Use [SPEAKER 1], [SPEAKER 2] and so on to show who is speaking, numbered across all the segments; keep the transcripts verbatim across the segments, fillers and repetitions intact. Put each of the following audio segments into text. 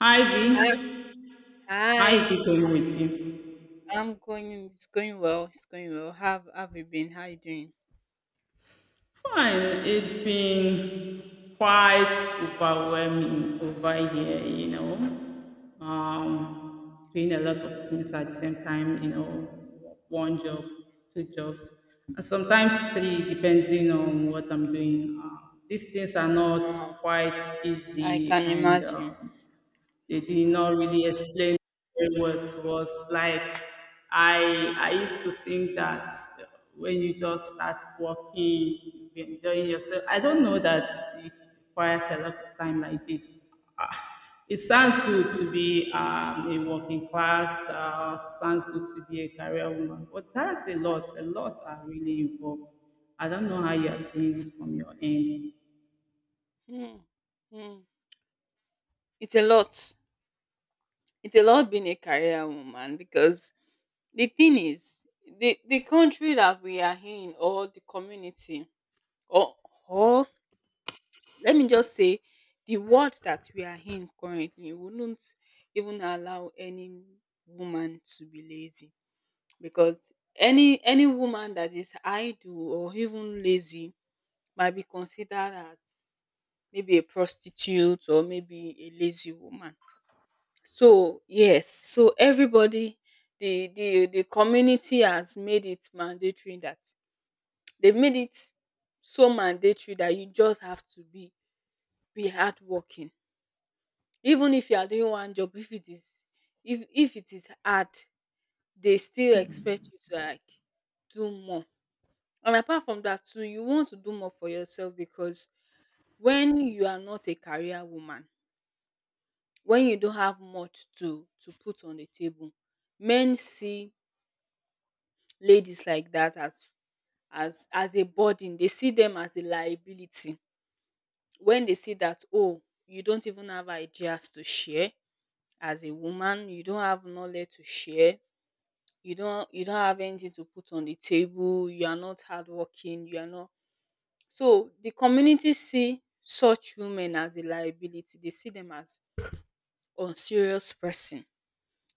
[SPEAKER 1] Hi V,
[SPEAKER 2] Hi,
[SPEAKER 1] how is it
[SPEAKER 2] hi.
[SPEAKER 1] going with you?
[SPEAKER 2] I'm going. It's going well. It's going well. How have you been? How you doing?
[SPEAKER 1] Fine, it's been quite overwhelming over here, you know. Um, doing a lot of things at the same time, you know, one job, two jobs, and sometimes three, depending on what I'm doing. Uh, these things are not
[SPEAKER 2] Wow.
[SPEAKER 1] quite
[SPEAKER 2] I
[SPEAKER 1] easy,
[SPEAKER 2] can
[SPEAKER 1] and
[SPEAKER 2] imagine.
[SPEAKER 1] um, they did
[SPEAKER 2] I
[SPEAKER 1] not really explain very well to us. Like I, I used to think that when you just start working, you've been enjoying yourself. I don't know that it requires a lot of time like this. Ah, It sounds good to be um, a working class. Uh, sounds good to be a career woman, but that's a lot. A lot are really involved. I don't know how you are seeing it from your end.
[SPEAKER 2] can. Hmm, hmm. It's a lot. It's a lot being a career woman because the thing is, the the country that we are in, or the community, or or let me just say, the world that we are in currently wouldn't even allow any woman to be lazy because any any woman that is idle or even lazy might be considered as maybe a prostitute or maybe a lazy woman. So yes, so everybody the the the community has made it mandatory that they've made it so mandatory that you just have to be be hardworking. Even if you are doing one job, if it is if if it is hard, they still expect you to like do more. And apart from that too, you want to do more for yourself because when you are not a career woman, when you don't have much to to put on the table, men see ladies like that as as as a burden. They see them as a liability. When they see that oh, you don't even have ideas to share as a woman, you don't have knowledge to share, you don't you don't have anything to put on the table, you are not hardworking, you are not. So the community see such women as a liability, they see them as unserious person.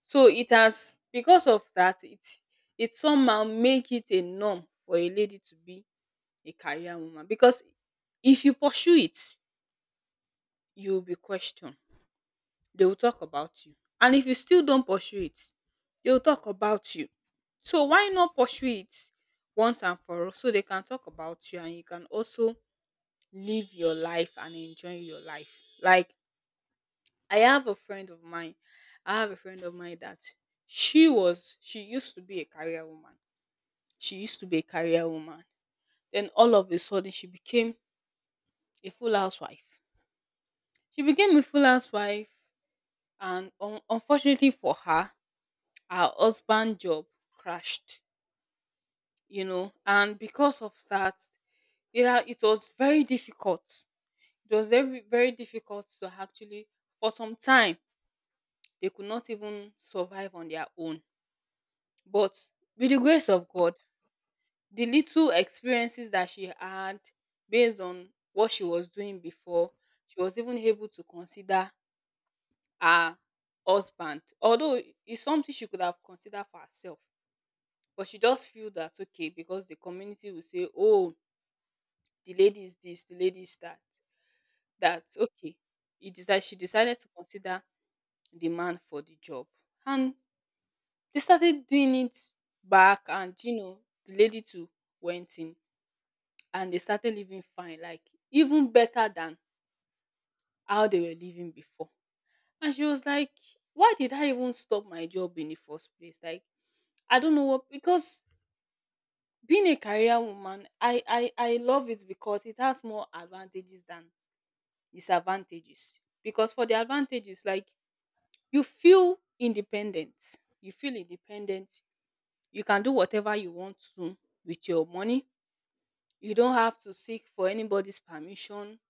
[SPEAKER 2] So it has because of that it it somehow make it a norm for a lady to be a career woman because if you pursue it, you will be questioned. They will talk about you. And if you still don't pursue it, they will talk about you. So why not pursue it once and for all so they can talk about you and you can also live your life and enjoy your life. Like I have a friend of mine. I have a friend of mine that she was she used to be a career woman. She used to be a career woman. Then all of a sudden she became a full housewife. She became a full housewife and un- unfortunately for her, her husband job crashed, you know, and because of that, it, ha- it was very difficult. It was very, very difficult to actually for some time. They could not even survive on their own. But with the grace of God, the little experiences that she had based on what she was doing before, she was even able to consider her husband. Although it's something she could have considered for herself. But she just feel that okay, because the community will say, oh, the lady is this, the lady is that. That's okay. It is that she decided to consider the man for the job. And they started doing it back, and you know the lady too went in, and they started living fine, like even better than how they were living before. And she was like, why did I even stop my job in the first place? Like, I don't know what. Because being a career woman, i i i love it because it has more advantages than disadvantages. Because for the advantages, like you feel independent, you feel independent, you can do whatever you want to with your money. You don't have to seek for anybody's permission.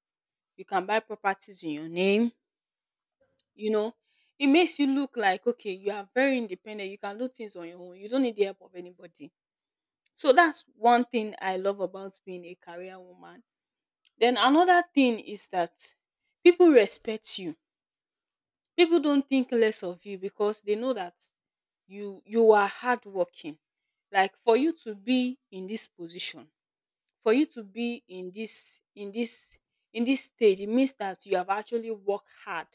[SPEAKER 2] You can buy properties in your name. You know, it makes you look like, okay, you are very independent. You can do things on your own. You don't need the help of anybody. So that's one thing I love about being a career woman. Then another thing is that people respect you. People don't think less of you because they know that you you are hardworking. Like for you to be in this position, for you to be in this in this in this stage, it means that you have actually worked hard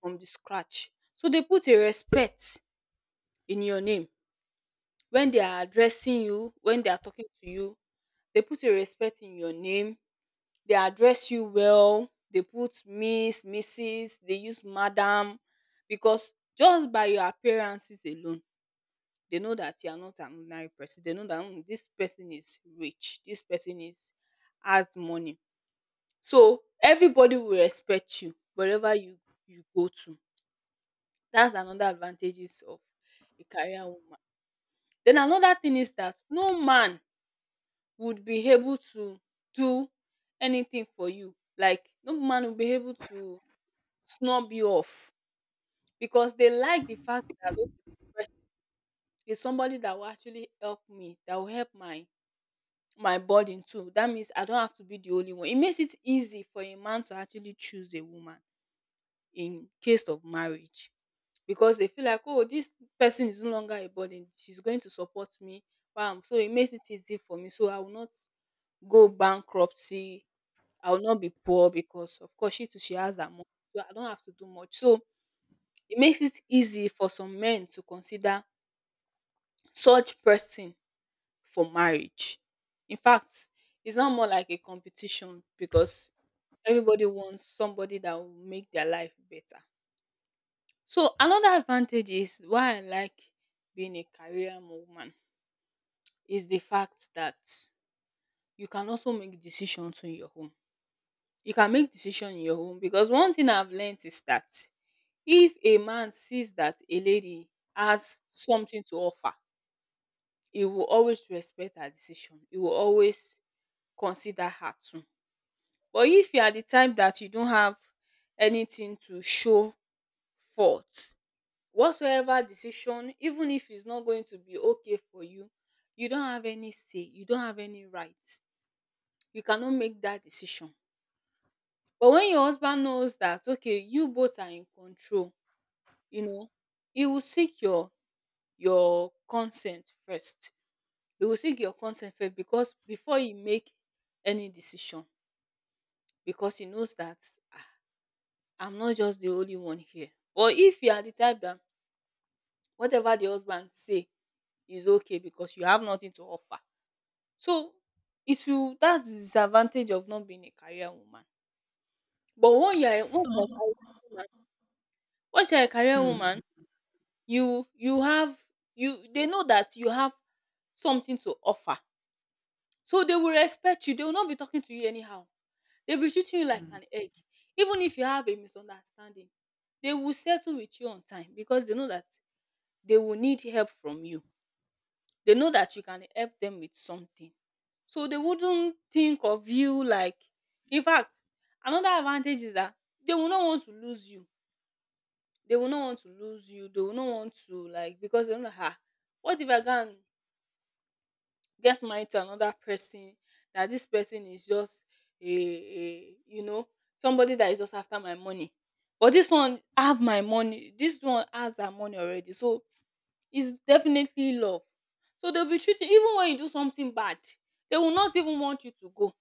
[SPEAKER 2] from the scratch, so they put a respect in your name. When they are addressing you, when they are talking to you, they put a respect in your name. They address you well, they put Miss, Mrs, they use Madam, because just by your appearances alone they know that you are not an ordinary person. They know that, "Mm, this person is rich, this person is has money." So everybody will respect you wherever you you go to. That's another advantages of a career woman. Then another thing is that no man would be able to do anything for you. Like no man will be able to snub you off because they like the fact that okay, this person is somebody that will actually help me, that will help my my burden too. That means I don't have to be the only one. It makes it easy for a man to actually choose a woman in case of marriage. Because they feel like, oh, this person is no longer a burden. She's going to support me. Bam. So it makes it easy for me. So I will not go bankruptcy. I will not be poor because, of course, she too, she has that money. So I don't have to do much. So it makes it easy for some men to consider such person for marriage. In fact, it's not more like a competition because everybody wants somebody that will make their life better. So another advantage is why I like being a career woman is the fact that you can also make decisions on your own. You can make decision in your own because one thing I've learned is that if a man sees that a lady has something to offer, he will always respect her decision. He will always consider her too. But if you are the type that you don't have anything to show forth, whatsoever decision, even if it's not going to be okay for you, you don't have any say, you don't have any right, you cannot make that decision. But when your husband knows that okay, you both are in control, you know he will seek your your consent first. He will seek your consent first because before he make any decision, because he knows that, "Ah, I'm not just the only one here." But if you are the type that whatever the husband say is okay because you have nothing to offer. So, it will that's the disadvantage of not being a career woman. But when you are a once you are a
[SPEAKER 1] So
[SPEAKER 2] career woman, once you are a career woman, you you have you they know that you have something to offer. So, they will respect you. They will not be talking to you anyhow. They'll be treating you like an egg. Even if you have a misunderstanding, they will settle with you on time because they know that they will need help from you. They know that you can help them with something. So they wouldn't think of you like, in fact, another advantage is that they will not want to lose you. They will not want to lose you. They will not want to, like, because they know that ah, what if I can get married to another person that this person is just a, a you know somebody that is just after my money. But this one have my money. This one has her money already. So is definitely love. So they'll be treating even when you do something bad, they will not even want you to go.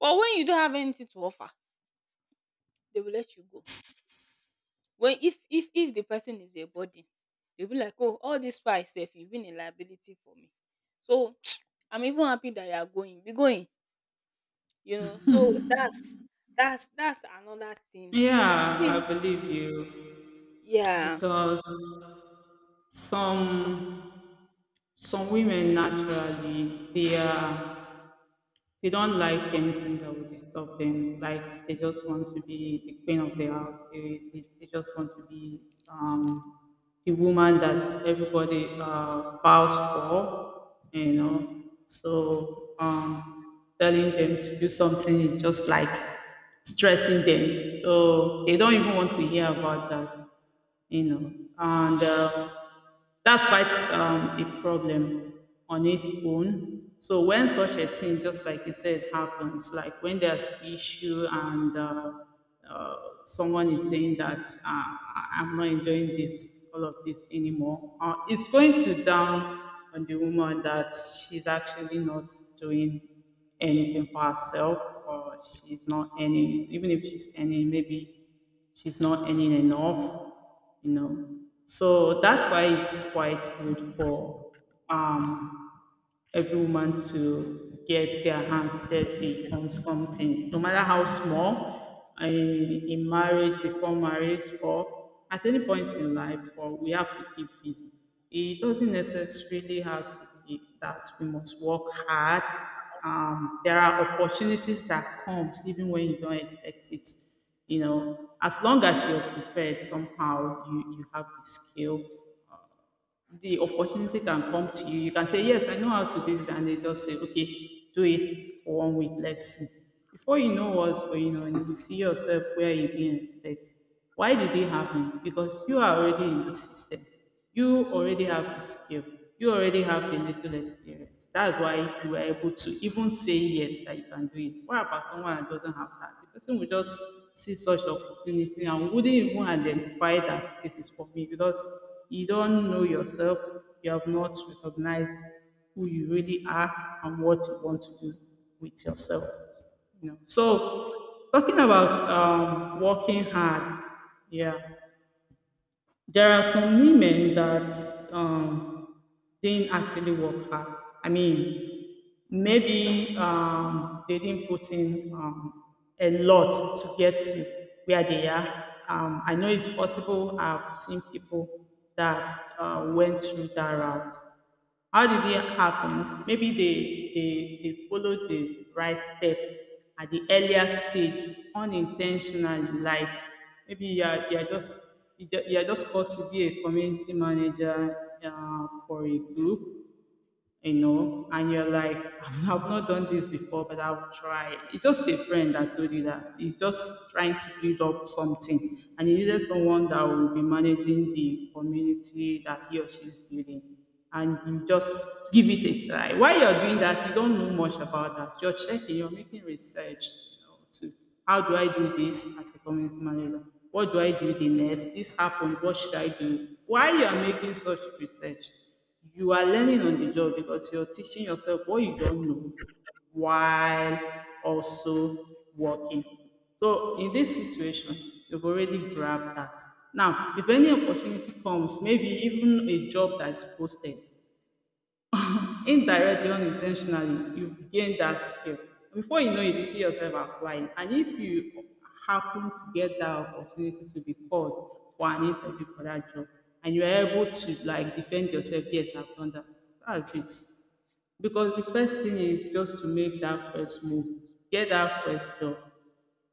[SPEAKER 2] But when you don't have anything to offer, they will let you go. When if if if the person is a burden, they'll be like, oh, all this far itself, you've been a liability for me. So I'm even happy that you are going. Be going, you know. So that's that's that's another thing.
[SPEAKER 1] yeah,
[SPEAKER 2] Please.
[SPEAKER 1] I believe you,
[SPEAKER 2] Yeah.
[SPEAKER 1] because Some some women naturally they are, they don't like anything that will disturb them. Like they just want to be the queen of the house. They, they, they just want to be um, the woman that everybody uh, bows for. You know, so um, telling them to do something is just like stressing them. So they don't even want to hear about that you know. And uh, that's quite um, a problem on its own. So when such a thing, just like you said, happens, like when there's issue and uh, uh, someone is saying that uh, I- I'm not enjoying this, all of this anymore, uh, it's going to down on the woman that she's actually not doing anything for herself, or she's not earning, even if she's earning, maybe she's not earning enough, you know. So that's why it's quite good for um every woman to get their hands dirty on something, no matter how small, in, in marriage, before marriage, or at any point in life, or we have to keep busy. It doesn't necessarily have to be that we must work hard. Um, there are opportunities that comes even when you don't expect it. You know, as long as you're prepared somehow, you, you have the skill, the opportunity can come to you. You can say, yes, I know how to do it. And they just say, okay, do it for one week. Let's see. Before you know what's going on, you see yourself where you're being expected. Why did it happen? Because you are already in the system. You already have the skill. You already have the little experience. That's why you were able to even say yes that you can do it. What about someone that doesn't have that? The person will just see such opportunity and wouldn't even identify that this is for me, because you don't know yourself, you have not recognized who you really are and what you want to do with yourself. You know. So talking about um, working hard, yeah. There are some women that um, didn't actually work hard. I mean, maybe um, they didn't put in um, a lot to get to where they are. Um, I know it's possible. I've seen people that uh, went through that route. How did it happen? Maybe they they, they followed the right step at the earlier stage unintentionally. Like maybe you are, you are just you ju- you are just called to be a community manager uh, for a group, you know, and you're like, I've I've not done this before, but I'll try. It's just a friend that told you that. He's just trying to build up something. And he needed someone that will be managing the community that he or she is building. And you just give it a try. While you're doing that, you don't know much about that. You're checking, you're making research, you know, to how do I do this as a community manager? What do I do the next? This happened. What should I do? While you are making such research, you are learning on the job because you're teaching yourself what you don't know while also working. So in this situation, you've already grabbed that. Now, if any opportunity comes, maybe even a job that is posted, indirectly or in ten tionally, you gain that skill. Before you know it, you see yourself applying, and if you happen to get that opportunity to be called for an interview for that job and you are able to like defend yourself, yes I've done that, that's it. Because the first thing is just to make that first move, get that first job,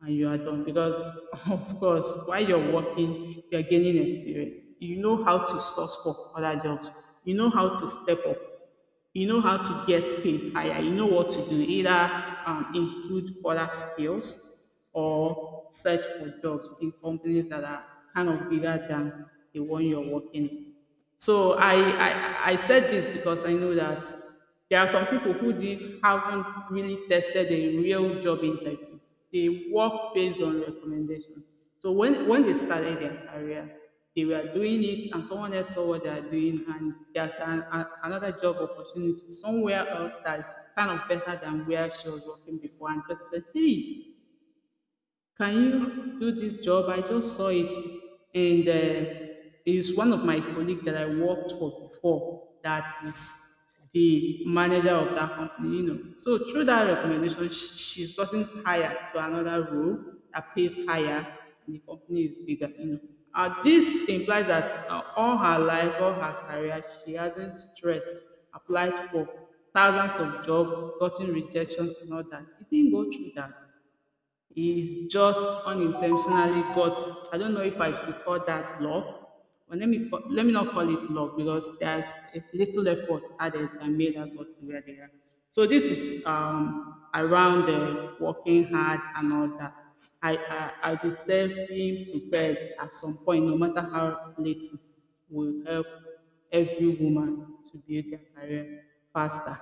[SPEAKER 1] and you are done. Because, of course, while you're working, you're gaining experience. You know how to source for other jobs, you know how to step up, you know how to get paid higher, you know what to do, either um, include other skills or search for jobs in companies that are kind of bigger than the one you're working in. So I, I, I said this because I know that there are some people who they haven't really tested a real job interview. They work based on recommendation. So when, when they started their career, they were doing it and someone else saw what they are doing, and there's an, a, another job opportunity somewhere else that's kind of better than where she was working before, and just said, hey, can you do this job? I just saw it, and uh, it's one of my colleague that I worked for before. That is the manager of that company, you know. So through that recommendation, sh- she's gotten hired to another role that pays higher, and the company is bigger, you know. Uh, this implies that uh, all her life, all her career, she hasn't stressed, applied for thousands of jobs, gotten rejections, and all that. It didn't go through that. Is just unintentionally got, I don't know if I should call that love. But let me ca- let me not call it love, because there's a little effort added and made us got to where they are. So this is um, around the working hard and all that. I I I deserve being prepared at some point, no matter how little, will help every woman to build their career faster.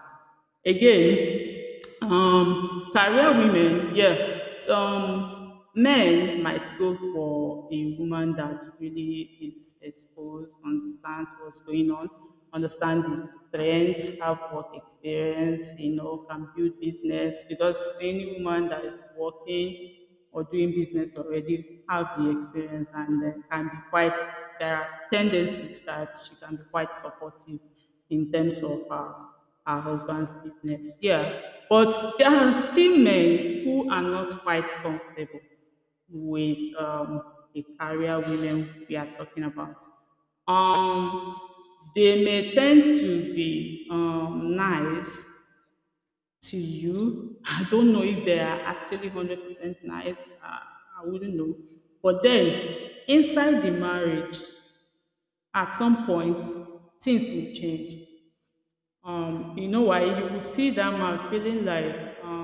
[SPEAKER 1] Again, um, career women, yeah, some men might go for a woman that really is exposed, understands what's going on, understand the trends, have work experience, you know, can build business, because any woman that is working or doing business already have the experience and uh, can be quite, there are tendencies that she can be quite supportive in terms of her, her husband's business. Yeah. But there are still men who are not quite comfortable with um, the career women we are talking about. Um, they may tend to be um, nice to you. I don't know if they are actually one hundred percent nice. I, I wouldn't know. But then, inside the marriage, at some point, things will change. Um, you know why? You will see that man feeling like, um,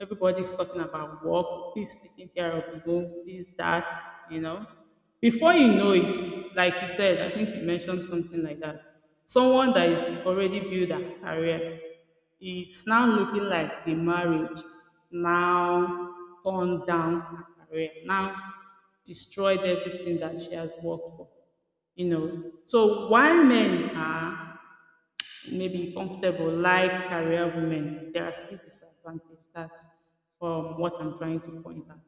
[SPEAKER 1] everybody's talking about work, please taking care of the home, this, that, you know. Before you know it, like you said, I think you mentioned something like that. Someone that is already built a career is now looking like the marriage now turned down her career, now destroyed everything that she has worked for, you know. So why men are maybe comfortable like career women, there are still disadvantages. That's um, what I'm trying to point out.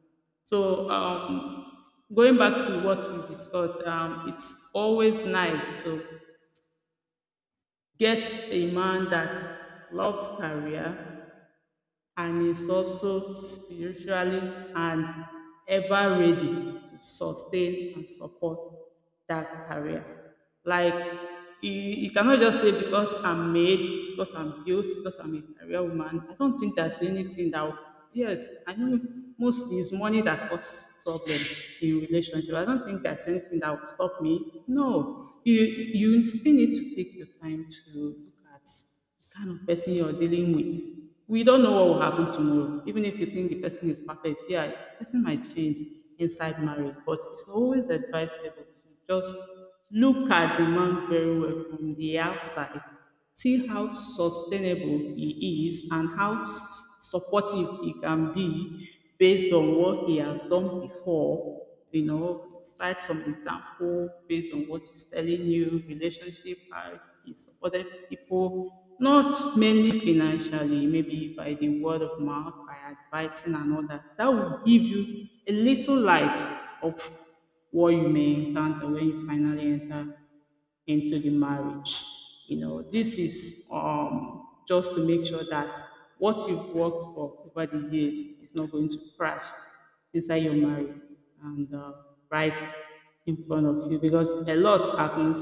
[SPEAKER 1] So um, going back to what we discussed, um, it's always nice to get a man that loves career and is also spiritually and ever ready to sustain and support that career. Like you, you cannot just say because I'm made, because I'm built, because I'm a career woman. I don't think there's anything that will- yes, I know most is money that causes problems in relationship. I don't think there's anything that will stop me. No. You you still need to take the time to look at the kind of person you're dealing with. We don't know what will happen tomorrow. Even if you think the person is perfect, yeah, the person might change inside marriage. But it's always advisable to just look at the man very well from the outside, see how sustainable he is and how s- supportive he can be based on what he has done before, you know, cite some example based on what he's telling you, relationship, how he supported people, not mainly financially, maybe by the word of mouth, by advising and all that. That will give you a little light of what you may encounter when you finally enter into the marriage. You know, this is um, just to make sure that what you've worked for over the years is not going to crash inside your marriage and uh, right in front of you, because a lot happens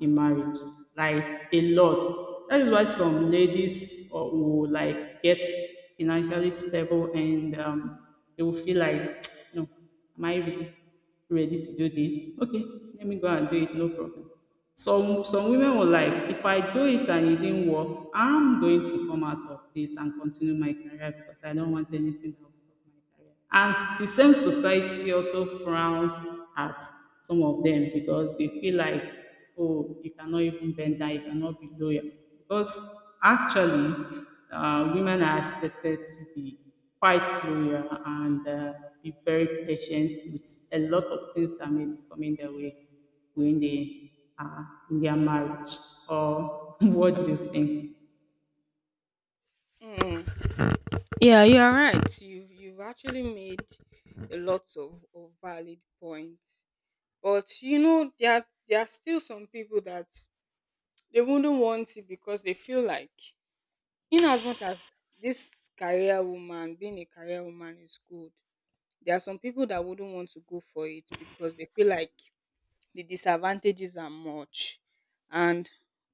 [SPEAKER 1] in marriage, like a lot. That is why some ladies uh, will like get financially stable and um, they will feel like, you know, myself, am I really ready to do this? Okay, let me go and do it, no problem. Some some women were like, if I do it and it didn't work, I'm going to come out of this and continue my career because I don't want anything that will stop my career. And the same society also frowns at some of them because they feel like, oh, you cannot even bend down, you cannot be loyal. Because actually, uh, women are expected to be quite loyal and uh, be very patient with a lot of things that may be coming their way when they are in their marriage or what do you think?
[SPEAKER 2] Mm. Yeah, you are right. You've you've actually made a lot of, of valid points. But you know, there are, there are still some people that they wouldn't want it because they feel like, in as much as this career woman, being a career woman is good, there are some people that wouldn't want to go for it because they feel like the disadvantages are much. And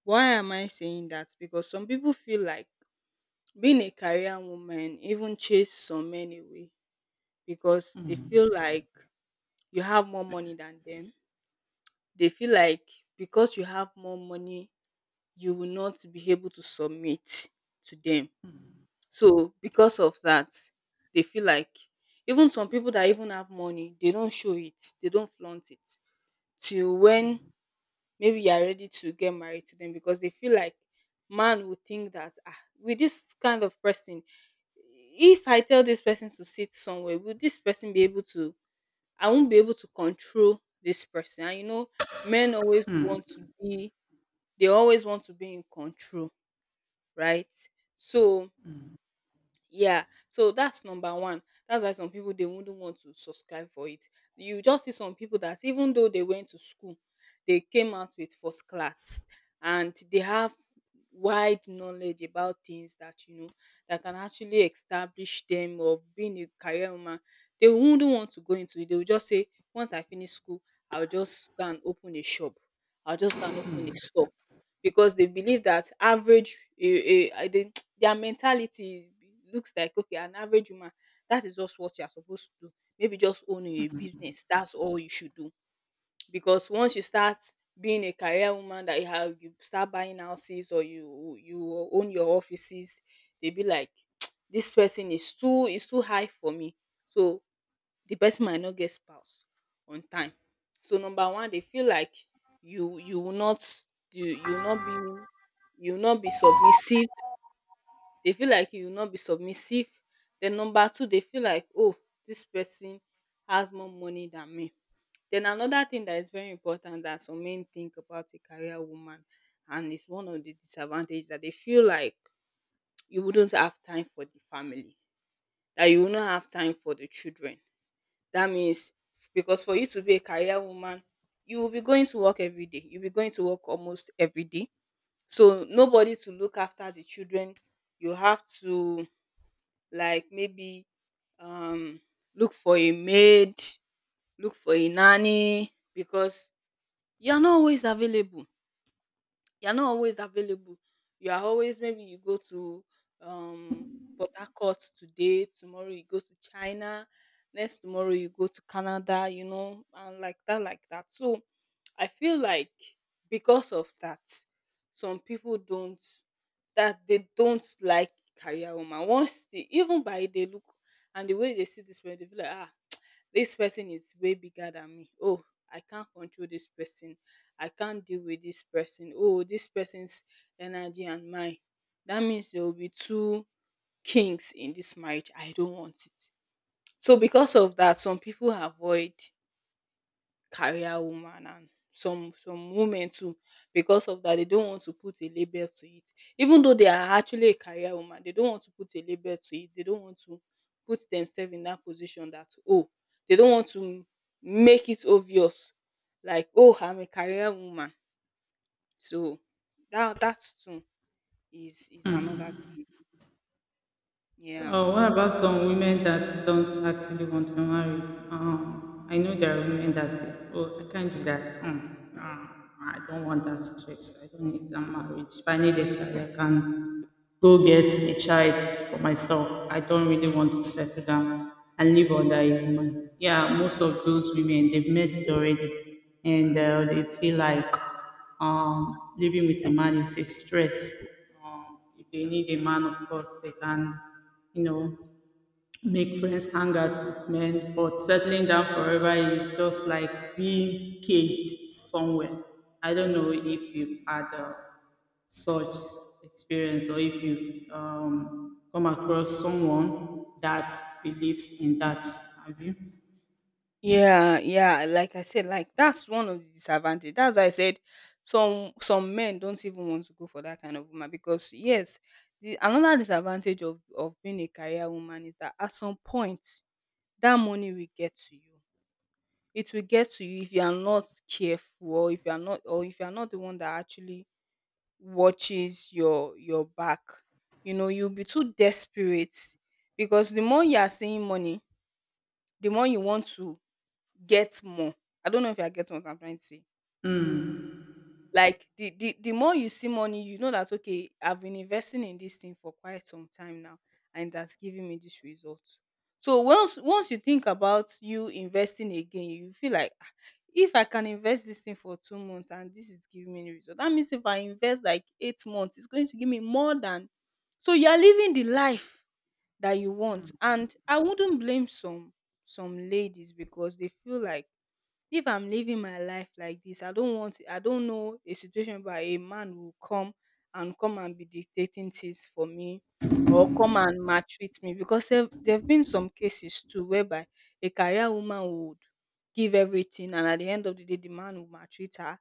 [SPEAKER 2] why am I saying that? Because some people feel like being a career woman even chase some men away because they
[SPEAKER 1] Hmm.
[SPEAKER 2] feel like you have more money than them. They feel like because you have more money you will not be able to submit to them. So because of that, they feel like even some people that even have money, they don't show it, they don't flaunt it till when maybe you are ready to get married to them because they feel like man will think that ah, with this kind of person, if I tell this person to sit somewhere, will this person be able to? I won't be able to control this person. And you know, men always want to be, they always want to be in control, right? So yeah, so that's number one. That's why some people, they wouldn't want to subscribe for it. You just see some people that, even though they went to school, they came out with first class and they have wide knowledge about things that you know that can actually establish them of being a career woman. They wouldn't want to go into it. They will just say, once I finish school, I'll just go and open a shop. I'll just go and open a store, because they believe that average a a they their mentality is, looks like, okay, an average woman, that is just what you are supposed to do, maybe just own a business, that's all you should do. Because once you start being a career woman, that you have you start buying houses, or you you own your offices, they be like, this person is too is too high for me. So the person might not get spouse on time. So number one, they feel like you you will not you you will not be you will not be submissive. They feel like you will not be submissive. Then number two, they feel like, oh, this person has more money than me. Then another thing that is very important that some men think about a career woman, and it's one of the disadvantage, that they feel like you wouldn't have time for the family, that you will not have time for the children. That means, because for you to be a career woman, you will be going to work every day. You'll be going to work almost every day. So nobody to look after the children. You have to, like, maybe um look for a maid, look for a nanny, because you're not always available you're not always available. You are always, maybe you go to um Port Harcourt today, tomorrow you go to China, next tomorrow you go to Canada, you know, and like that, like that. So I feel like, because of that, some people don't that they don't like career woman. Once they even by they look, and the way they see this person, they feel like, ah, this person is way bigger than me. Oh, I can't control this person. I can't deal with this person. Oh, this person's energy and mine. That means there will be two kings in this marriage. I don't want it. So because of that, some people avoid career woman, and some some women too, because of that, they don't want to put a label to it. Even though they are actually a career woman, they don't want to put a label to it. They don't want to put themselves in that position, that, oh, they don't want to make it obvious, like, oh, I'm a career woman. So that that too is is another thing.
[SPEAKER 1] So,
[SPEAKER 2] Yeah.
[SPEAKER 1] uh, what about some women that don't actually want to marry? Um, I know there are women that say, "Oh, I can't do that. Um, no, I don't want that stress. I don't need that marriage. If I need a child, I can go get a child for myself. I don't really want to settle down and live under a woman." Yeah, most of those women they've met it already, and uh, they feel like um, living with a man is a stress. Um, if they need a man, of course, they can, you know, make friends, hang out with men. But settling down forever is just like being caged somewhere. I don't know if you've had uh, such experience or if you've um, come across someone that believes in that. Have you?
[SPEAKER 2] Yeah, yeah. Like I said, like, that's one of the disadvantage. That's why I said some some men don't even want to go for that kind of woman, because, yes, the another disadvantage of of being a career woman is that, at some point, that money will get to you. It will get to you if you are not careful, or if you are not or if you are not the one that actually watches your your back. you know you'll be too desperate, because the more you are seeing money, the more you want to get more. I don't know if you are getting what I'm trying to say.
[SPEAKER 1] Hmm.
[SPEAKER 2] Like, the the the more you see money, you know that, okay, I've been investing in this thing for quite some time now, and that's giving me this result. So once once you think about you investing again, you feel like, "Ah, if I can invest this thing for two months and this is giving me result, that means if I invest like eight months, it's going to give me more than" — so you are living the life that you want. And I wouldn't blame some some ladies, because they feel like, if I'm living my life like this, I don't want I don't know a situation where a man will come and come and be dictating things for me, or come and maltreat me, because there have been some cases too whereby a career woman would give everything, and at the end of the day the man will maltreat her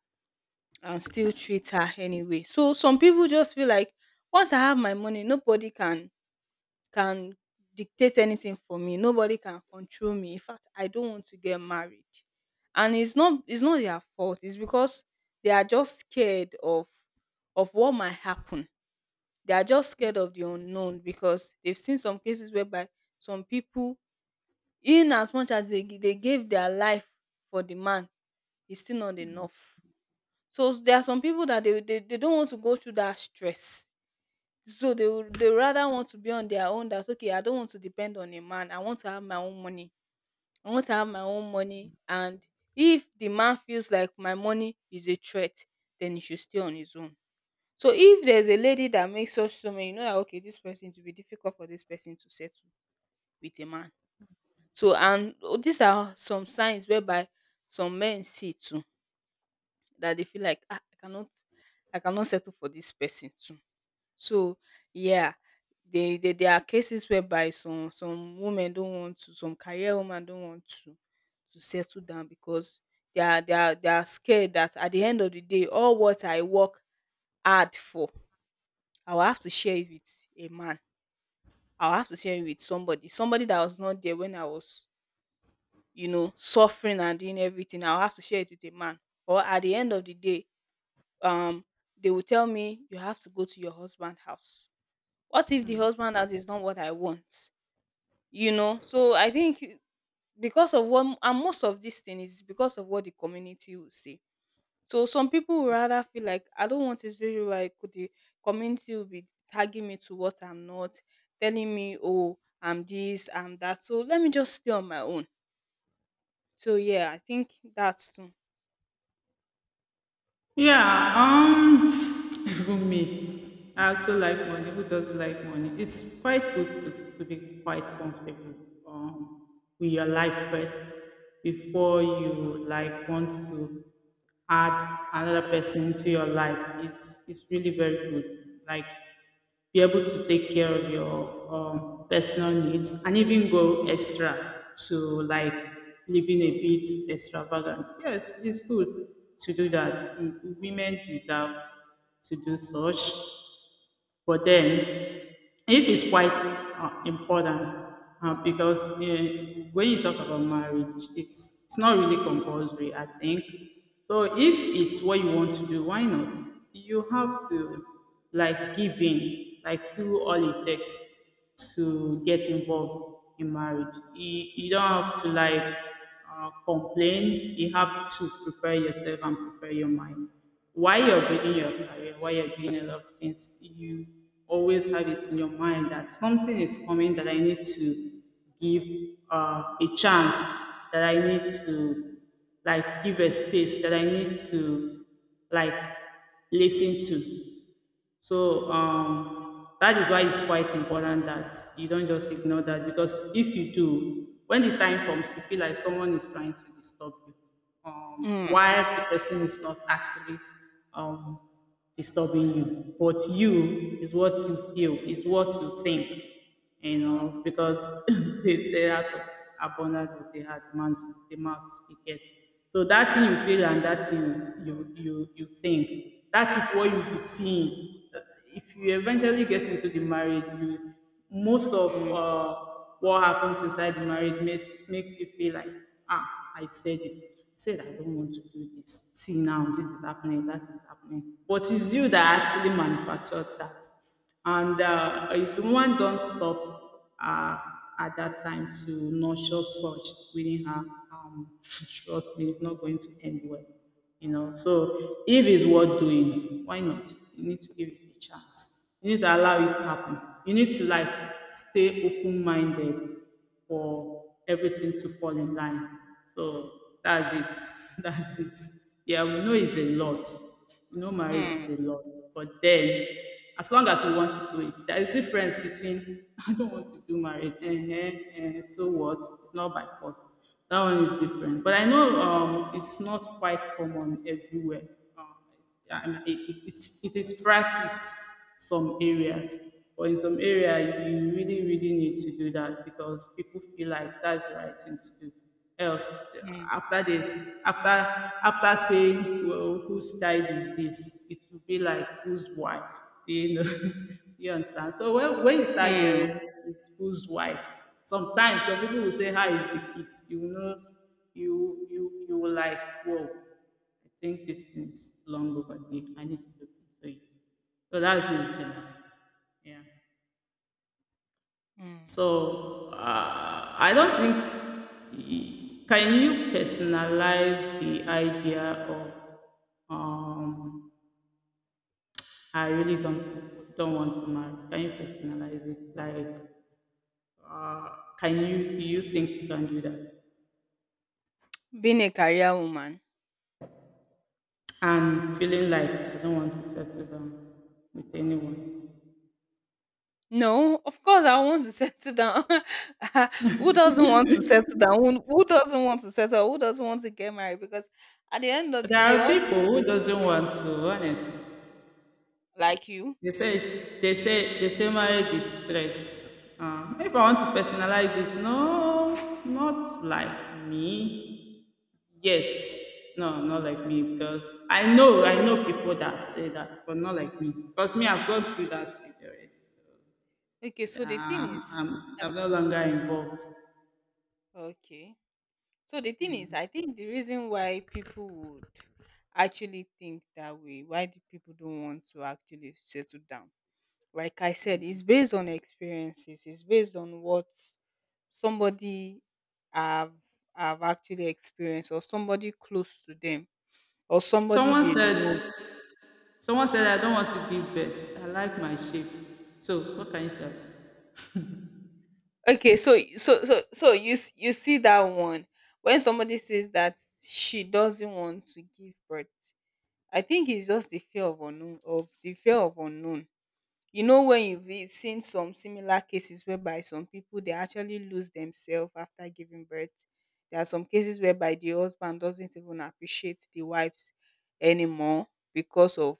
[SPEAKER 2] and still treat her anyway. So some people just feel like, once I have my money, nobody can can dictate anything for me. Nobody can control me. In fact, I don't want to get married. And it's not it's not their fault. It's because they are just scared of of what might happen. They are just scared of the unknown, because they've seen some cases whereby some people, in as much as they gi- they gave their life for the man, it's still not enough. So there are some people that they, they, they don't want to go through that stress. So they would they rather want to be on their own, that, okay, I don't want to depend on a man. I want to have my own money. I want to have my own money. And if the man feels like my money is a threat, then he should stay on his own. So if there's a lady that makes such statement, you know that, okay, this person to be difficult for this person to settle with a man. So, and, oh, these are some signs whereby some men see too, that they feel like, ah, I cannot I cannot settle for this person too. So, yeah, they, they there are cases whereby some some women don't want to, some career woman don't want to to settle down, because they are they are they are scared that, at the end of the day, all what I work hard for, I will have to share it with a man. I will have to share it with somebody, somebody that was not there when I was you know, suffering and doing everything. I will have to share it with a man. Or at the end of the day, um, they will tell me, you have to go to your husband's house. What if the husband house is not what I want? You know so I think, because of what — and most of this thing is because of what the community will say. So some people will rather feel like, I don't want this video where I could the community will be tagging me to what I'm not, telling me, oh, I'm this, I'm that. So let me just stay on my own. So, yeah, I think that's too.
[SPEAKER 1] Yeah, um, even me, I also like money. Who doesn't like money? It's quite good to, to be quite comfortable um, with your life first before you like want to add another person to your life. It's it's really very good. Like be able to take care of your um, personal needs and even go extra to like living a bit extravagant. Yes, it's good to do that. Mm, women deserve to do such. But then, if it's quite uh, important, uh, because uh, when you talk about marriage, it's, it's not really compulsory, I think. So if it's what you want to do, why not? You have to like give in, like do all it takes to get involved in marriage. You, you don't have to like uh, complain. You have to prepare yourself and prepare your mind. While you're building your career, while you're doing a lot of things, you always have it in your mind that something is coming that I need to give uh, a chance, that I need to like give a space, that I need to like listen to. So um, that is why it's quite important that you don't just ignore that because if you do, when the time comes, you feel like someone is trying to disturb you, um,
[SPEAKER 2] Mm.
[SPEAKER 1] while the person is not actually um, disturbing you. But you is what you feel, is what you think, you know, because they say out of abundance of the heart, man's the mouth speaketh. So that thing you feel and that thing you you you think, that is what you'll be seeing. If you eventually get into the marriage, you most of
[SPEAKER 2] Mm.
[SPEAKER 1] uh, what happens inside the marriage makes make you feel like, ah, I said it. I said I don't want to do this. See now, this is happening, that is happening. But it's you that actually manufactured that. And uh, if one don't stop uh, at that time to nurture such within her, um, trust me, it's not going to end well. You know, so if it's worth doing, why not? You need to give it a chance. You need to allow it happen. You need to like stay open minded for everything to fall in line. So that's it. That's it. Yeah, we know it's a lot. We know marriage is
[SPEAKER 2] Mm.
[SPEAKER 1] a lot. But then, as long as we want to do it, there is difference between I don't want to do marriage. Uh-huh, uh, so what? It's not by force. That one is different. But I know um, it's not quite common everywhere. Um, yeah, and it, it's- it is practiced some areas but in some area you really really need to do that because people feel like that's the right thing to do, else
[SPEAKER 2] Mm.
[SPEAKER 1] after this, after after saying well whose child is this, it will be like whose wife, you know, you understand. So when, when you start
[SPEAKER 2] Mm.
[SPEAKER 1] hearing whose wife, sometimes some people will say how is the kids, you know, you you you will like, whoa, I think this thing is long overdue. I need to look into it. So that's the intent. Yeah.
[SPEAKER 2] Mm.
[SPEAKER 1] So uh, I don't think y- can you personalize the idea of um I really don't don't want to marry. Can you personalize it? Like uh, can you, do you think you can do that?
[SPEAKER 2] Being a career woman.
[SPEAKER 1] And feeling like I don't want to settle down with anyone.
[SPEAKER 2] No, of course I want to settle down. Who doesn't want to settle down? Who who doesn't want to settle? Who doesn't want to get married? Because at the end of the
[SPEAKER 1] There
[SPEAKER 2] day,
[SPEAKER 1] are
[SPEAKER 2] all the
[SPEAKER 1] people
[SPEAKER 2] mo-
[SPEAKER 1] who doesn't want to, honestly.
[SPEAKER 2] like you.
[SPEAKER 1] They say it's- they say they say marriage is stress. Uh, if I want to personalize it, no, not like me. Yes, no, not like me because I know I know people that say that, but not like me because me, I've gone through that stage already.
[SPEAKER 2] Okay, so the thing
[SPEAKER 1] Yeah,
[SPEAKER 2] is,
[SPEAKER 1] I'm
[SPEAKER 2] uh,
[SPEAKER 1] I'm no longer involved.
[SPEAKER 2] okay. So the thing is, I think the reason why people would actually think that way, why the people don't want to actually settle down, like I said, it's based on experiences. It's based on what somebody have have actually experienced, or somebody close to them, or somebody
[SPEAKER 1] Someone
[SPEAKER 2] they know.
[SPEAKER 1] said someone said I don't want to give birth. I like my shape. So what can you say?
[SPEAKER 2] Okay, so so so so you s- you see that one. When somebody says that she doesn't want to give birth, I think it's just the fear of unknown, of the fear of unknown. You know, when you've e- seen some similar cases whereby some people, they actually lose themselves after giving birth. There are some cases whereby the husband doesn't even appreciate the wives anymore, because of,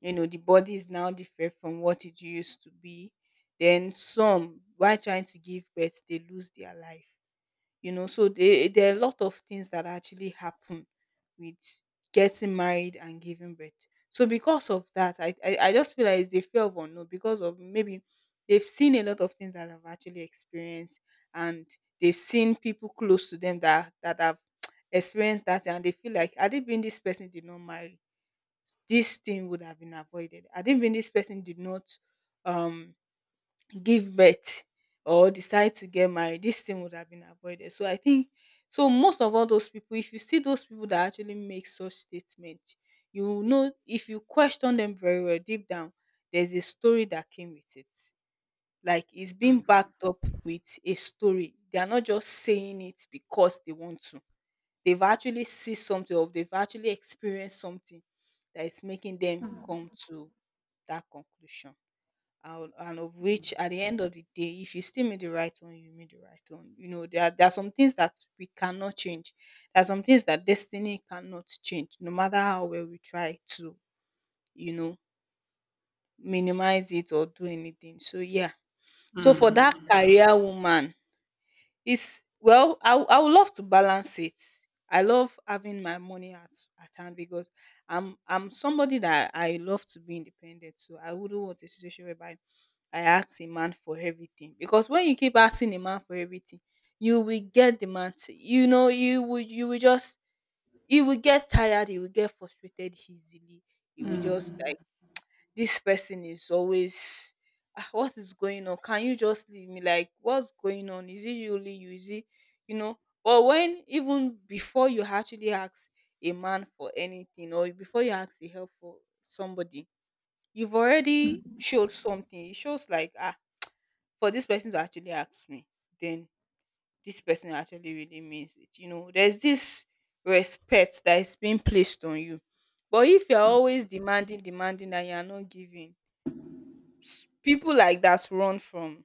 [SPEAKER 2] you know the body is now different from what it used to be. Then some, while trying to give birth, they lose their life. you know so they, there are a lot of things that actually happen with getting married and giving birth. So because of that, i i, I just feel like it's the fear of unknown, because of, maybe, they've seen a lot of things that I've actually experienced. And they've seen people close to them, that that have experienced that, and they feel like, had it been this person did not marry, this thing would have been avoided. Had it been this person did not um give birth, or decide to get married, this thing would have been avoided. So I think, so most of all those people, if you see those people that actually make such statement, you know, if you question them very well, deep down, there's a story that came with it. Like, it's being backed up with a story. They are not just saying it because they want to. They've actually see something or they've actually experienced something that is making them come to that conclusion. And and of which at the end of the day, if you still meet the right one, you meet the right one. You know, there are, there are some things that we cannot change. There are some things that destiny cannot change, no matter how well we try to you know minimize it or do anything. So yeah, so for that career woman is, well, i, w- I would love to balance it. I love having my money at, at hand, because i'm i'm somebody that I love to be independent. So I wouldn't want a situation whereby I asked a man for everything, because when you keep asking a man for everything, you will get the man. To, you know, you will you will just, he will get tired. He will get frustrated easily. He will just like, this person is always, "Ah, what is going on? Can you just leave me? Like, what's going on? Is it only you? Is it you know? But when, even before you actually ask a man for anything, or before you ask the help for somebody, you've already showed something. It shows like, ah, for this person to actually ask me, then this person actually really means it. You know, there's this respect that is being placed on you. But if you're always demanding, demanding, and you're not giving, s- people like that run from,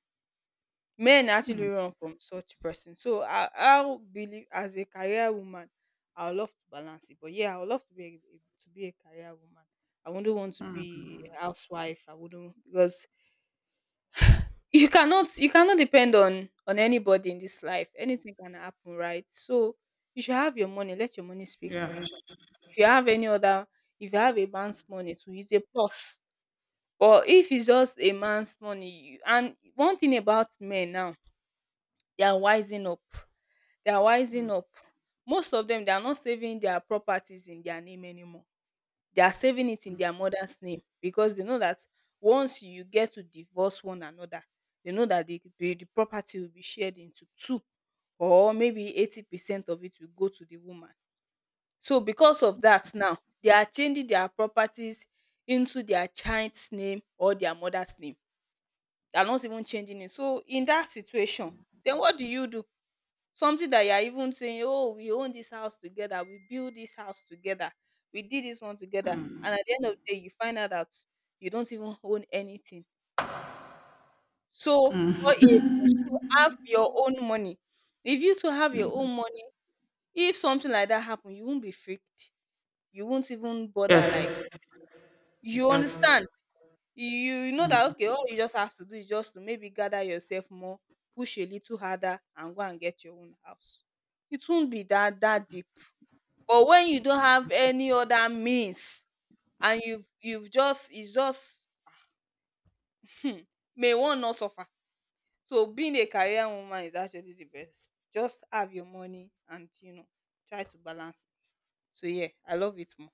[SPEAKER 2] men actually run from such person. So I, I'll believe, as a career woman, I would love to balance it. But yeah, I would love to be a, to be a career woman. I wouldn't want to be a housewife. I wouldn't, because you cannot, you cannot depend on on anybody in this life. Anything can happen, right? So you should have your money, let your money speak for
[SPEAKER 1] Yeah.
[SPEAKER 2] you. If you have any other, if you have a man's money to use, a plus. But if it's just a man's money you, and one thing about men now, they are wising up, they are wising up Most of them, they are not saving their properties in their name anymore. They are saving it in their mother's name, because they know that once you get to divorce one another, they know that the the the property will be shared into two, or maybe eighty percent of it will go to the woman. So because of that now, they are changing their properties into their child's name or their mother's name. They are not even changing it. So in that situation, then what do you do? Something that you are even saying, "Oh, we own this house together, we build this house together, we did this one together," and at the end of the day, you find out that you don't even own anything. So, or if you to have your own money, if you to have your own money if something like that happen, you won't be freaked, you won't even bother, like,
[SPEAKER 1] Yes.
[SPEAKER 2] you
[SPEAKER 1] Exactly.
[SPEAKER 2] understand, you you know that, okay, all you just have to do is just to maybe gather yourself more, push a little harder and go and get your own house. It won't be that that deep. But when you don't have any other means, and you've you've just, it's just, hmm, may one not suffer. So being a career woman is actually the best. Just have your money and, you know, try to balance it. So yeah, I love it more.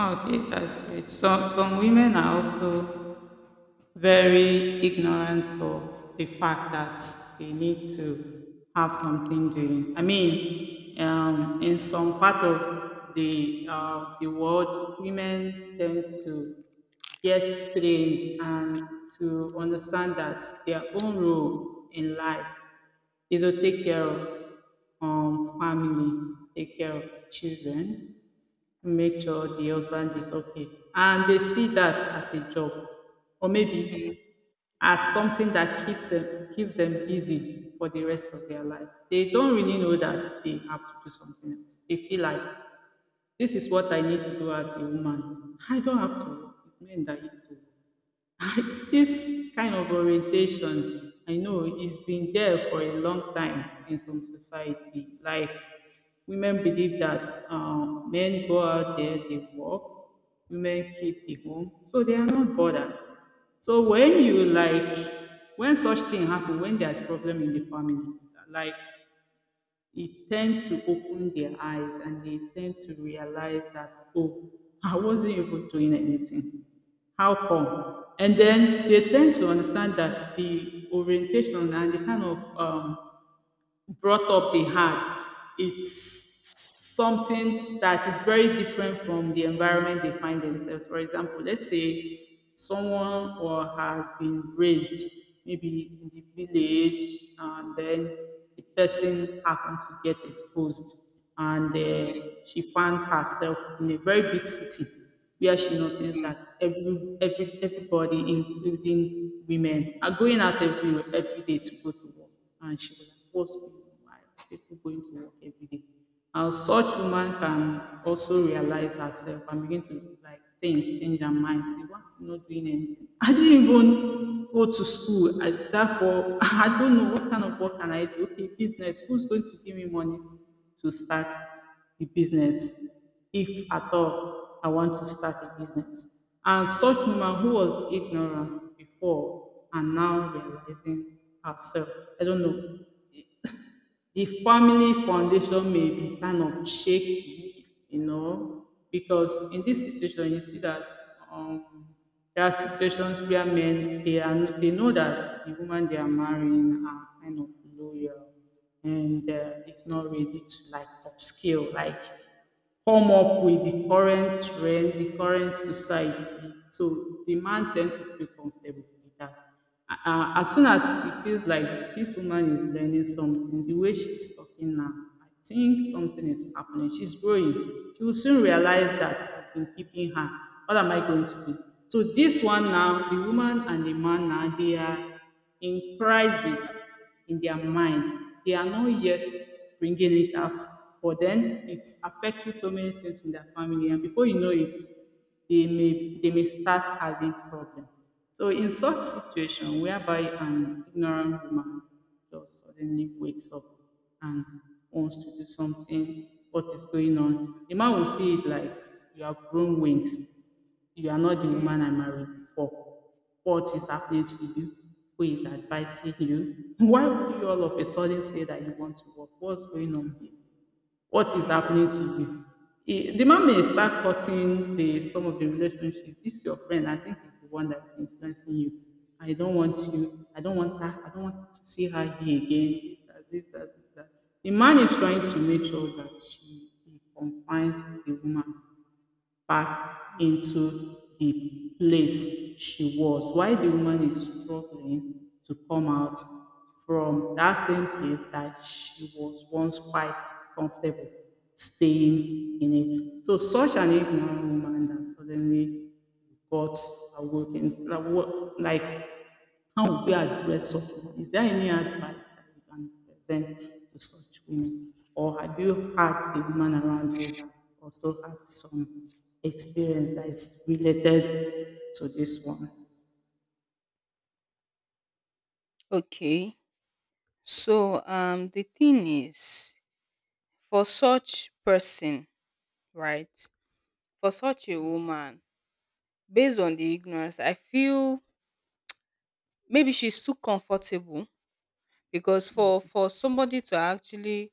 [SPEAKER 1] Okay, that's great. So, some women are also very ignorant of the fact that they need to have something doing. I mean, um, in some part of the uh, the world, women tend to get trained and to understand that their own role in life is to take care of um, family, take care of children, make sure the husband is okay. And they see that as a job, or
[SPEAKER 2] Mm,
[SPEAKER 1] maybe as something that keeps them, keeps them busy for the rest of their life. They don't really know that they have to do something else. They feel like this is what I need to do as a woman. I don't have to work. It's men that used to work. This kind of orientation, I know it's been there for a long time in some society. Like women believe that um, men go out there, they work, women keep the home, so they are not bothered. So when you like, when such thing happen, when there's problem in the family, like it tend to open their eyes and they tend to realize that, oh, I wasn't even doing anything, how come? And then they tend to understand that the orientation and the kind of um, brought up they had. It's something that is very different from the environment they find themselves. For example, let's say someone or has been raised maybe in the village and then the person happened to get exposed and
[SPEAKER 2] mm,
[SPEAKER 1] uh, she found herself in a very big city where she noticed
[SPEAKER 2] mm,
[SPEAKER 1] that every, every everybody, including women, are going out every, every day to go to work, and she was like, what's going on? Why are people going to work every day? And such woman can also realize herself and begin to like think, change her mind, say, why am I not doing anything? I didn't even go to school. I therefore I don't know what kind of work can I do. Okay, business, who's going to give me money to start the business, if at all I want to start a business. And such woman who was ignorant before and now realizing herself. I don't know, the family foundation may be kind of shaky, you know, because in this situation, you see that um, there are situations where men they are they know that the woman they are marrying are kind of loyal, and uh, it's not ready to like upscale, like come up with the current trend, the current society. So the man tends to feel comfortable with that. Uh, as soon as it feels like this woman is learning something, the way she's talking now, I think something is happening. She's growing. She will soon realize that I've been keeping her. What am I going to do? So this one now, the woman and the man now, they are in crisis in their mind. They are not yet bringing it out, but then it's affecting so many things in their family, and before you know it, they may they may start having problem. So in such situation whereby an ignorant woman just suddenly wakes up and wants to do something, what is going on, the man will see it like you have grown wings. You are not the
[SPEAKER 2] mm,
[SPEAKER 1] woman I married before. What is happening to you? Who is advising you? Why would you all of a sudden say that you want to work? What's going on here? What is
[SPEAKER 2] mm,
[SPEAKER 1] happening to you? It, the man may start cutting the some of the relationship. This your friend, I think is the one that is influencing you. I don't want you, I don't want that, I don't want to see her here again. This, that, this, that, this, that. The man is trying to make sure that she he confines the woman back
[SPEAKER 2] mm.
[SPEAKER 1] into the place she was, while the woman is struggling to come out from that same place that she was once quite comfortable staying in it. So such an ignorant woman that suddenly got awoken. Like, what- like, how would we address such a woman? Is there any advice that you can present to such women? Or have you had a woman around you that also had some experience that is related to this one?
[SPEAKER 2] Okay. So um the thing is, for such person, right? For such a woman, based on the ignorance, I feel maybe she's too comfortable. Because for for somebody to actually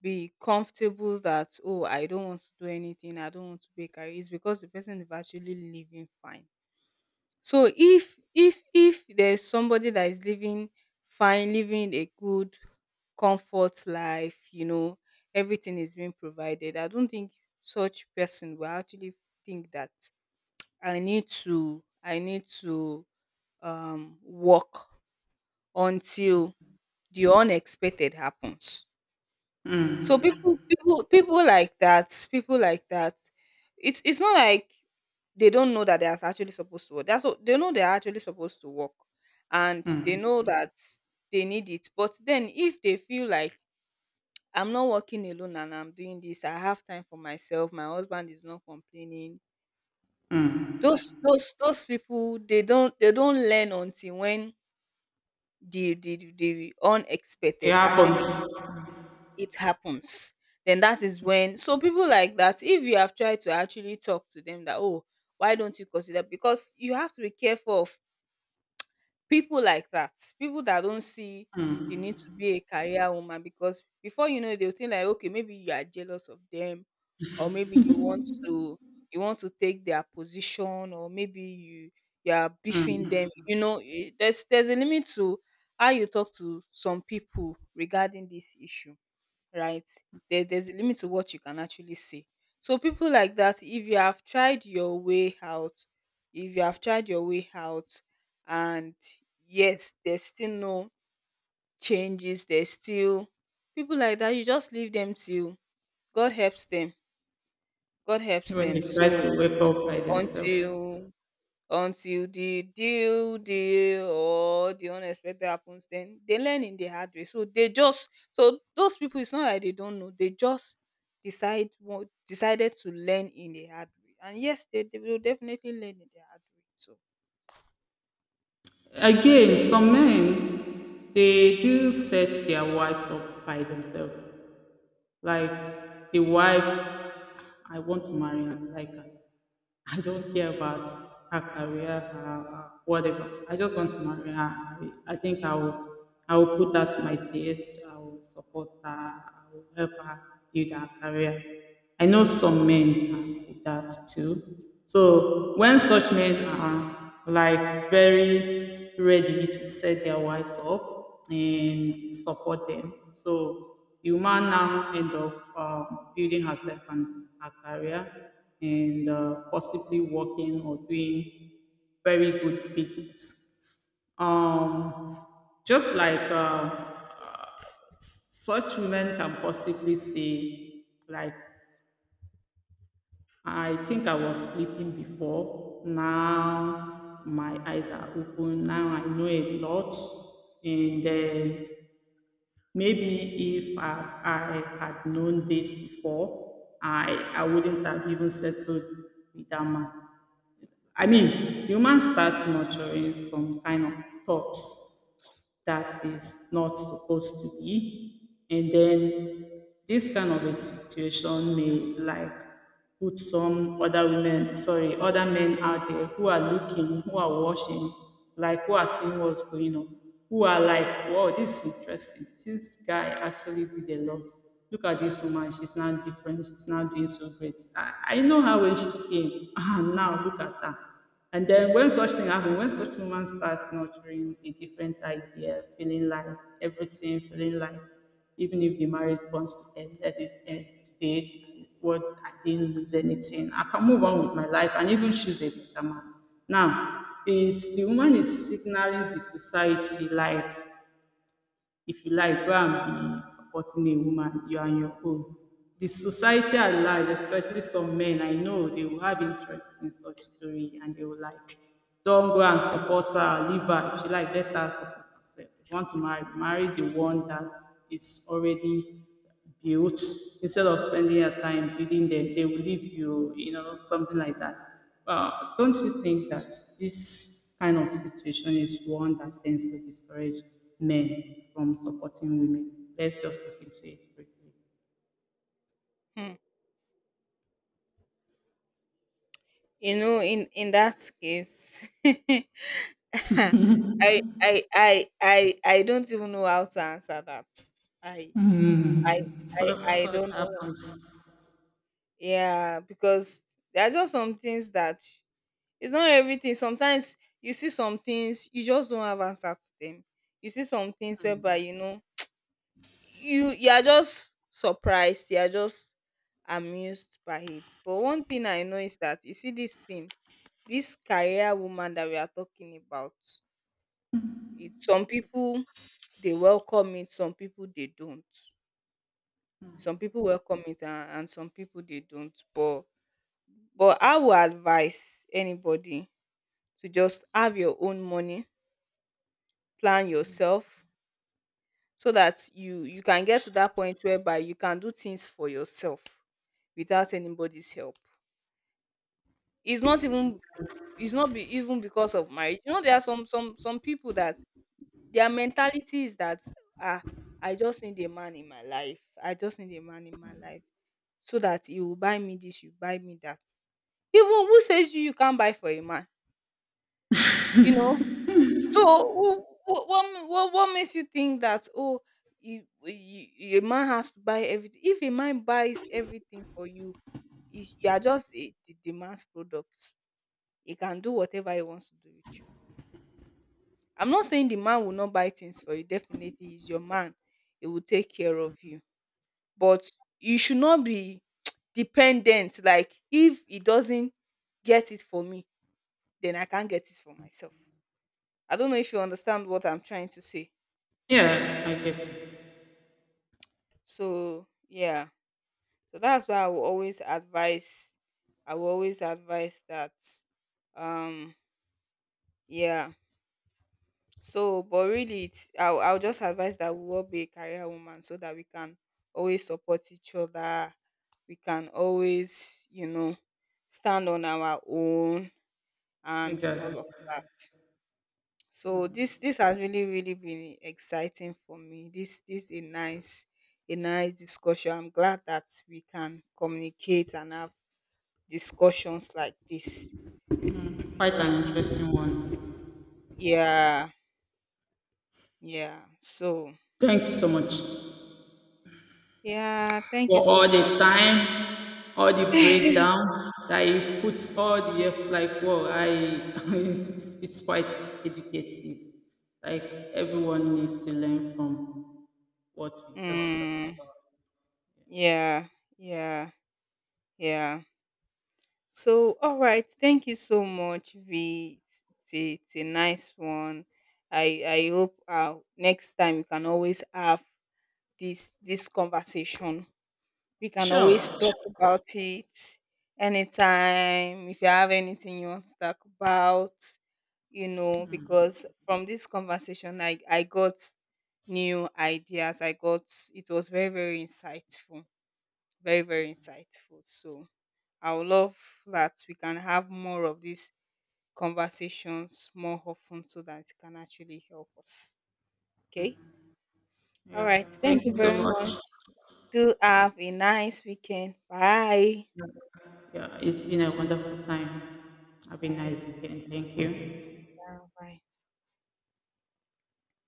[SPEAKER 2] be comfortable that, "Oh, I don't want to do anything, I don't want to be a career," it's because the person is actually living fine. So if if if there's somebody that is living fine, living a good comfort life, you know, everything is being provided, I don't think such person will actually think that I need to I need to um work until the unexpected happens. So people people people like that, people like that, It's it's not like they don't know that they are actually supposed to work. That's what they know, they are actually supposed to work, and they know that they need it. But then if they feel like, I'm not working alone and I'm doing this, I have time for myself, my husband is not complaining. Those those those people, they don't they don't learn until when the the, the
[SPEAKER 1] It
[SPEAKER 2] unexpected
[SPEAKER 1] happens
[SPEAKER 2] actually it happens, then that is when. So people like that, if you have tried to actually talk to them that, oh, why don't you consider, because you have to be careful of people like that, people that don't see the need to be a career woman. Because before you know it, they'll think like, okay, maybe you are jealous of them, or maybe you want to you want to take their position, or maybe you you are beefing them. You know, eh, there's there's a limit to how you talk to some people regarding this issue, right? There, there's a limit to what you can actually say. So people like that, if you have tried your way out, if you have tried your way out, and yes, there's still no changes, there's still people like that, you just leave them till God helps them. God helps
[SPEAKER 1] when they
[SPEAKER 2] them. So
[SPEAKER 1] try to wake up by themselves.
[SPEAKER 2] until until the due day or the unexpected happens, then they learn in the hard way. So they just, so those people, it's not like they don't know, they just decide what decided to learn in the hard way, and yes, they, they will definitely learn in the hard way. So
[SPEAKER 1] Again, some men they do set their wives up by themselves. Like the wife, I want to marry her. Like I don't care about her career, her whatever. I just want to marry her. I, I think I will, I will put that to my taste. I will support her. I will help her build her career. I know some men are like that too. So when such men are like very ready to set their wives up and support them. So the woman now end up um, building herself and her career and uh, possibly working or doing very good business. Um, just like uh, such women can possibly say, like, I think I was sleeping before. Now my eyes are open. Now I know a lot. And then maybe if I I had known this before, I I wouldn't have even settled with that man. I mean, human starts nurturing some kind of thoughts that is not supposed to be. And then this kind of a situation may like put some other women, sorry, other men out there who are looking, who are watching, like who are seeing what's going on, who are like, wow, this is interesting. This guy actually did a lot. Look at this woman, she's now different, she's now doing so great. I, I know how well she came, and now look at her. And then when such thing happens, when such woman starts nurturing a different idea, feeling like everything, feeling like even if the marriage wants to end, let it end today. What I didn't lose anything. I can move on with my life and even choose a better man. Now, is the woman is signaling the society like if you like go and be supporting a woman you are on your own. The society at large, especially some men I know, they will have interest in such story and they will like, don't go and support her, leave her, if she like let her support herself. If you want to marry, marry the one that is already built, instead of spending your time building them, they will leave you, you know, something like that. But don't you think that this kind of situation is one that tends to discourage men from supporting women? Let's just look into it briefly.
[SPEAKER 2] hmm. You know, in in that case, I, I i i i don't even know how to answer that. i i
[SPEAKER 1] Mm.
[SPEAKER 2] i,
[SPEAKER 1] So
[SPEAKER 2] I
[SPEAKER 1] such
[SPEAKER 2] don't know.
[SPEAKER 1] happens.
[SPEAKER 2] Yeah, because there are just some things that, it's not everything. Sometimes you see some things you just don't have answer to them. You see some things whereby, you know, you you are just surprised, you are just amused by it. But one thing I know is that, you see this thing, this career woman that we are talking about, it, some people they welcome it, some people they don't. Some people welcome it, and, and some people they don't. But but I will advise anybody to just have your own money, plan yourself, so that you you can get to that point whereby you can do things for yourself without anybody's help. it's not even it's not be, even because of marriage. You know, there are some some some people that their mentality is that, ah, i just need a man in my life I just need a man in my life, so that he will buy me this, you buy me that. Even, who says you you can't buy for a man? You know. So wh- wh- what what what makes you think that, oh, you, you, a man has to buy everything? If a man buys everything for you, is, you are just a, the, the man's product. He can do whatever he wants to do with you. I'm not saying the man will not buy things for you. Definitely, he's your man. He will take care of you. But you should not be dependent. Like if he doesn't get it for me, then I can't get it for myself. I don't know if you understand what I'm trying to say.
[SPEAKER 1] Yeah, I get you.
[SPEAKER 2] So yeah, so that's why I will always advise. I will always advise that. Um, yeah. So, but really, it's, I'll, I'll just advise that we all be a career woman so that we can always support each other. We can always, you know, stand on our own and
[SPEAKER 1] Exactly.
[SPEAKER 2] all of that. So this this has really really been exciting for me. This this a nice, a nice discussion. I'm glad that we can communicate and have discussions like this.
[SPEAKER 1] Quite
[SPEAKER 2] You know.
[SPEAKER 1] an interesting one.
[SPEAKER 2] Yeah, yeah. So
[SPEAKER 1] Thank you so much
[SPEAKER 2] yeah, thank you
[SPEAKER 1] for
[SPEAKER 2] so
[SPEAKER 1] all
[SPEAKER 2] much.
[SPEAKER 1] the time, all the breakdown that he puts, all the effort. Like, wow, I it's, it's quite educative. Like everyone needs to learn from what we just talked
[SPEAKER 2] Mm,
[SPEAKER 1] about.
[SPEAKER 2] yeah, yeah, yeah. So, all right. Thank you so much, V. It's, it's a, it's a nice one. I I hope uh, next time you can always have this this conversation. We can always
[SPEAKER 1] Sure.
[SPEAKER 2] talk about it anytime. If you have anything you want to talk about, you know, because from this conversation, I, I got new ideas. I got, it was very, very insightful. Very, very insightful. So I would love that we can have more of these conversations more often so that it can actually help us. Okay. All
[SPEAKER 1] Yeah.
[SPEAKER 2] right.
[SPEAKER 1] Thank
[SPEAKER 2] Thank you
[SPEAKER 1] you so
[SPEAKER 2] very much.
[SPEAKER 1] much.
[SPEAKER 2] Do have a nice weekend. Bye.
[SPEAKER 1] Yeah, yeah, it's been a wonderful time. Have a nice
[SPEAKER 2] Bye.
[SPEAKER 1] weekend. Thank you.
[SPEAKER 2] Yeah, bye.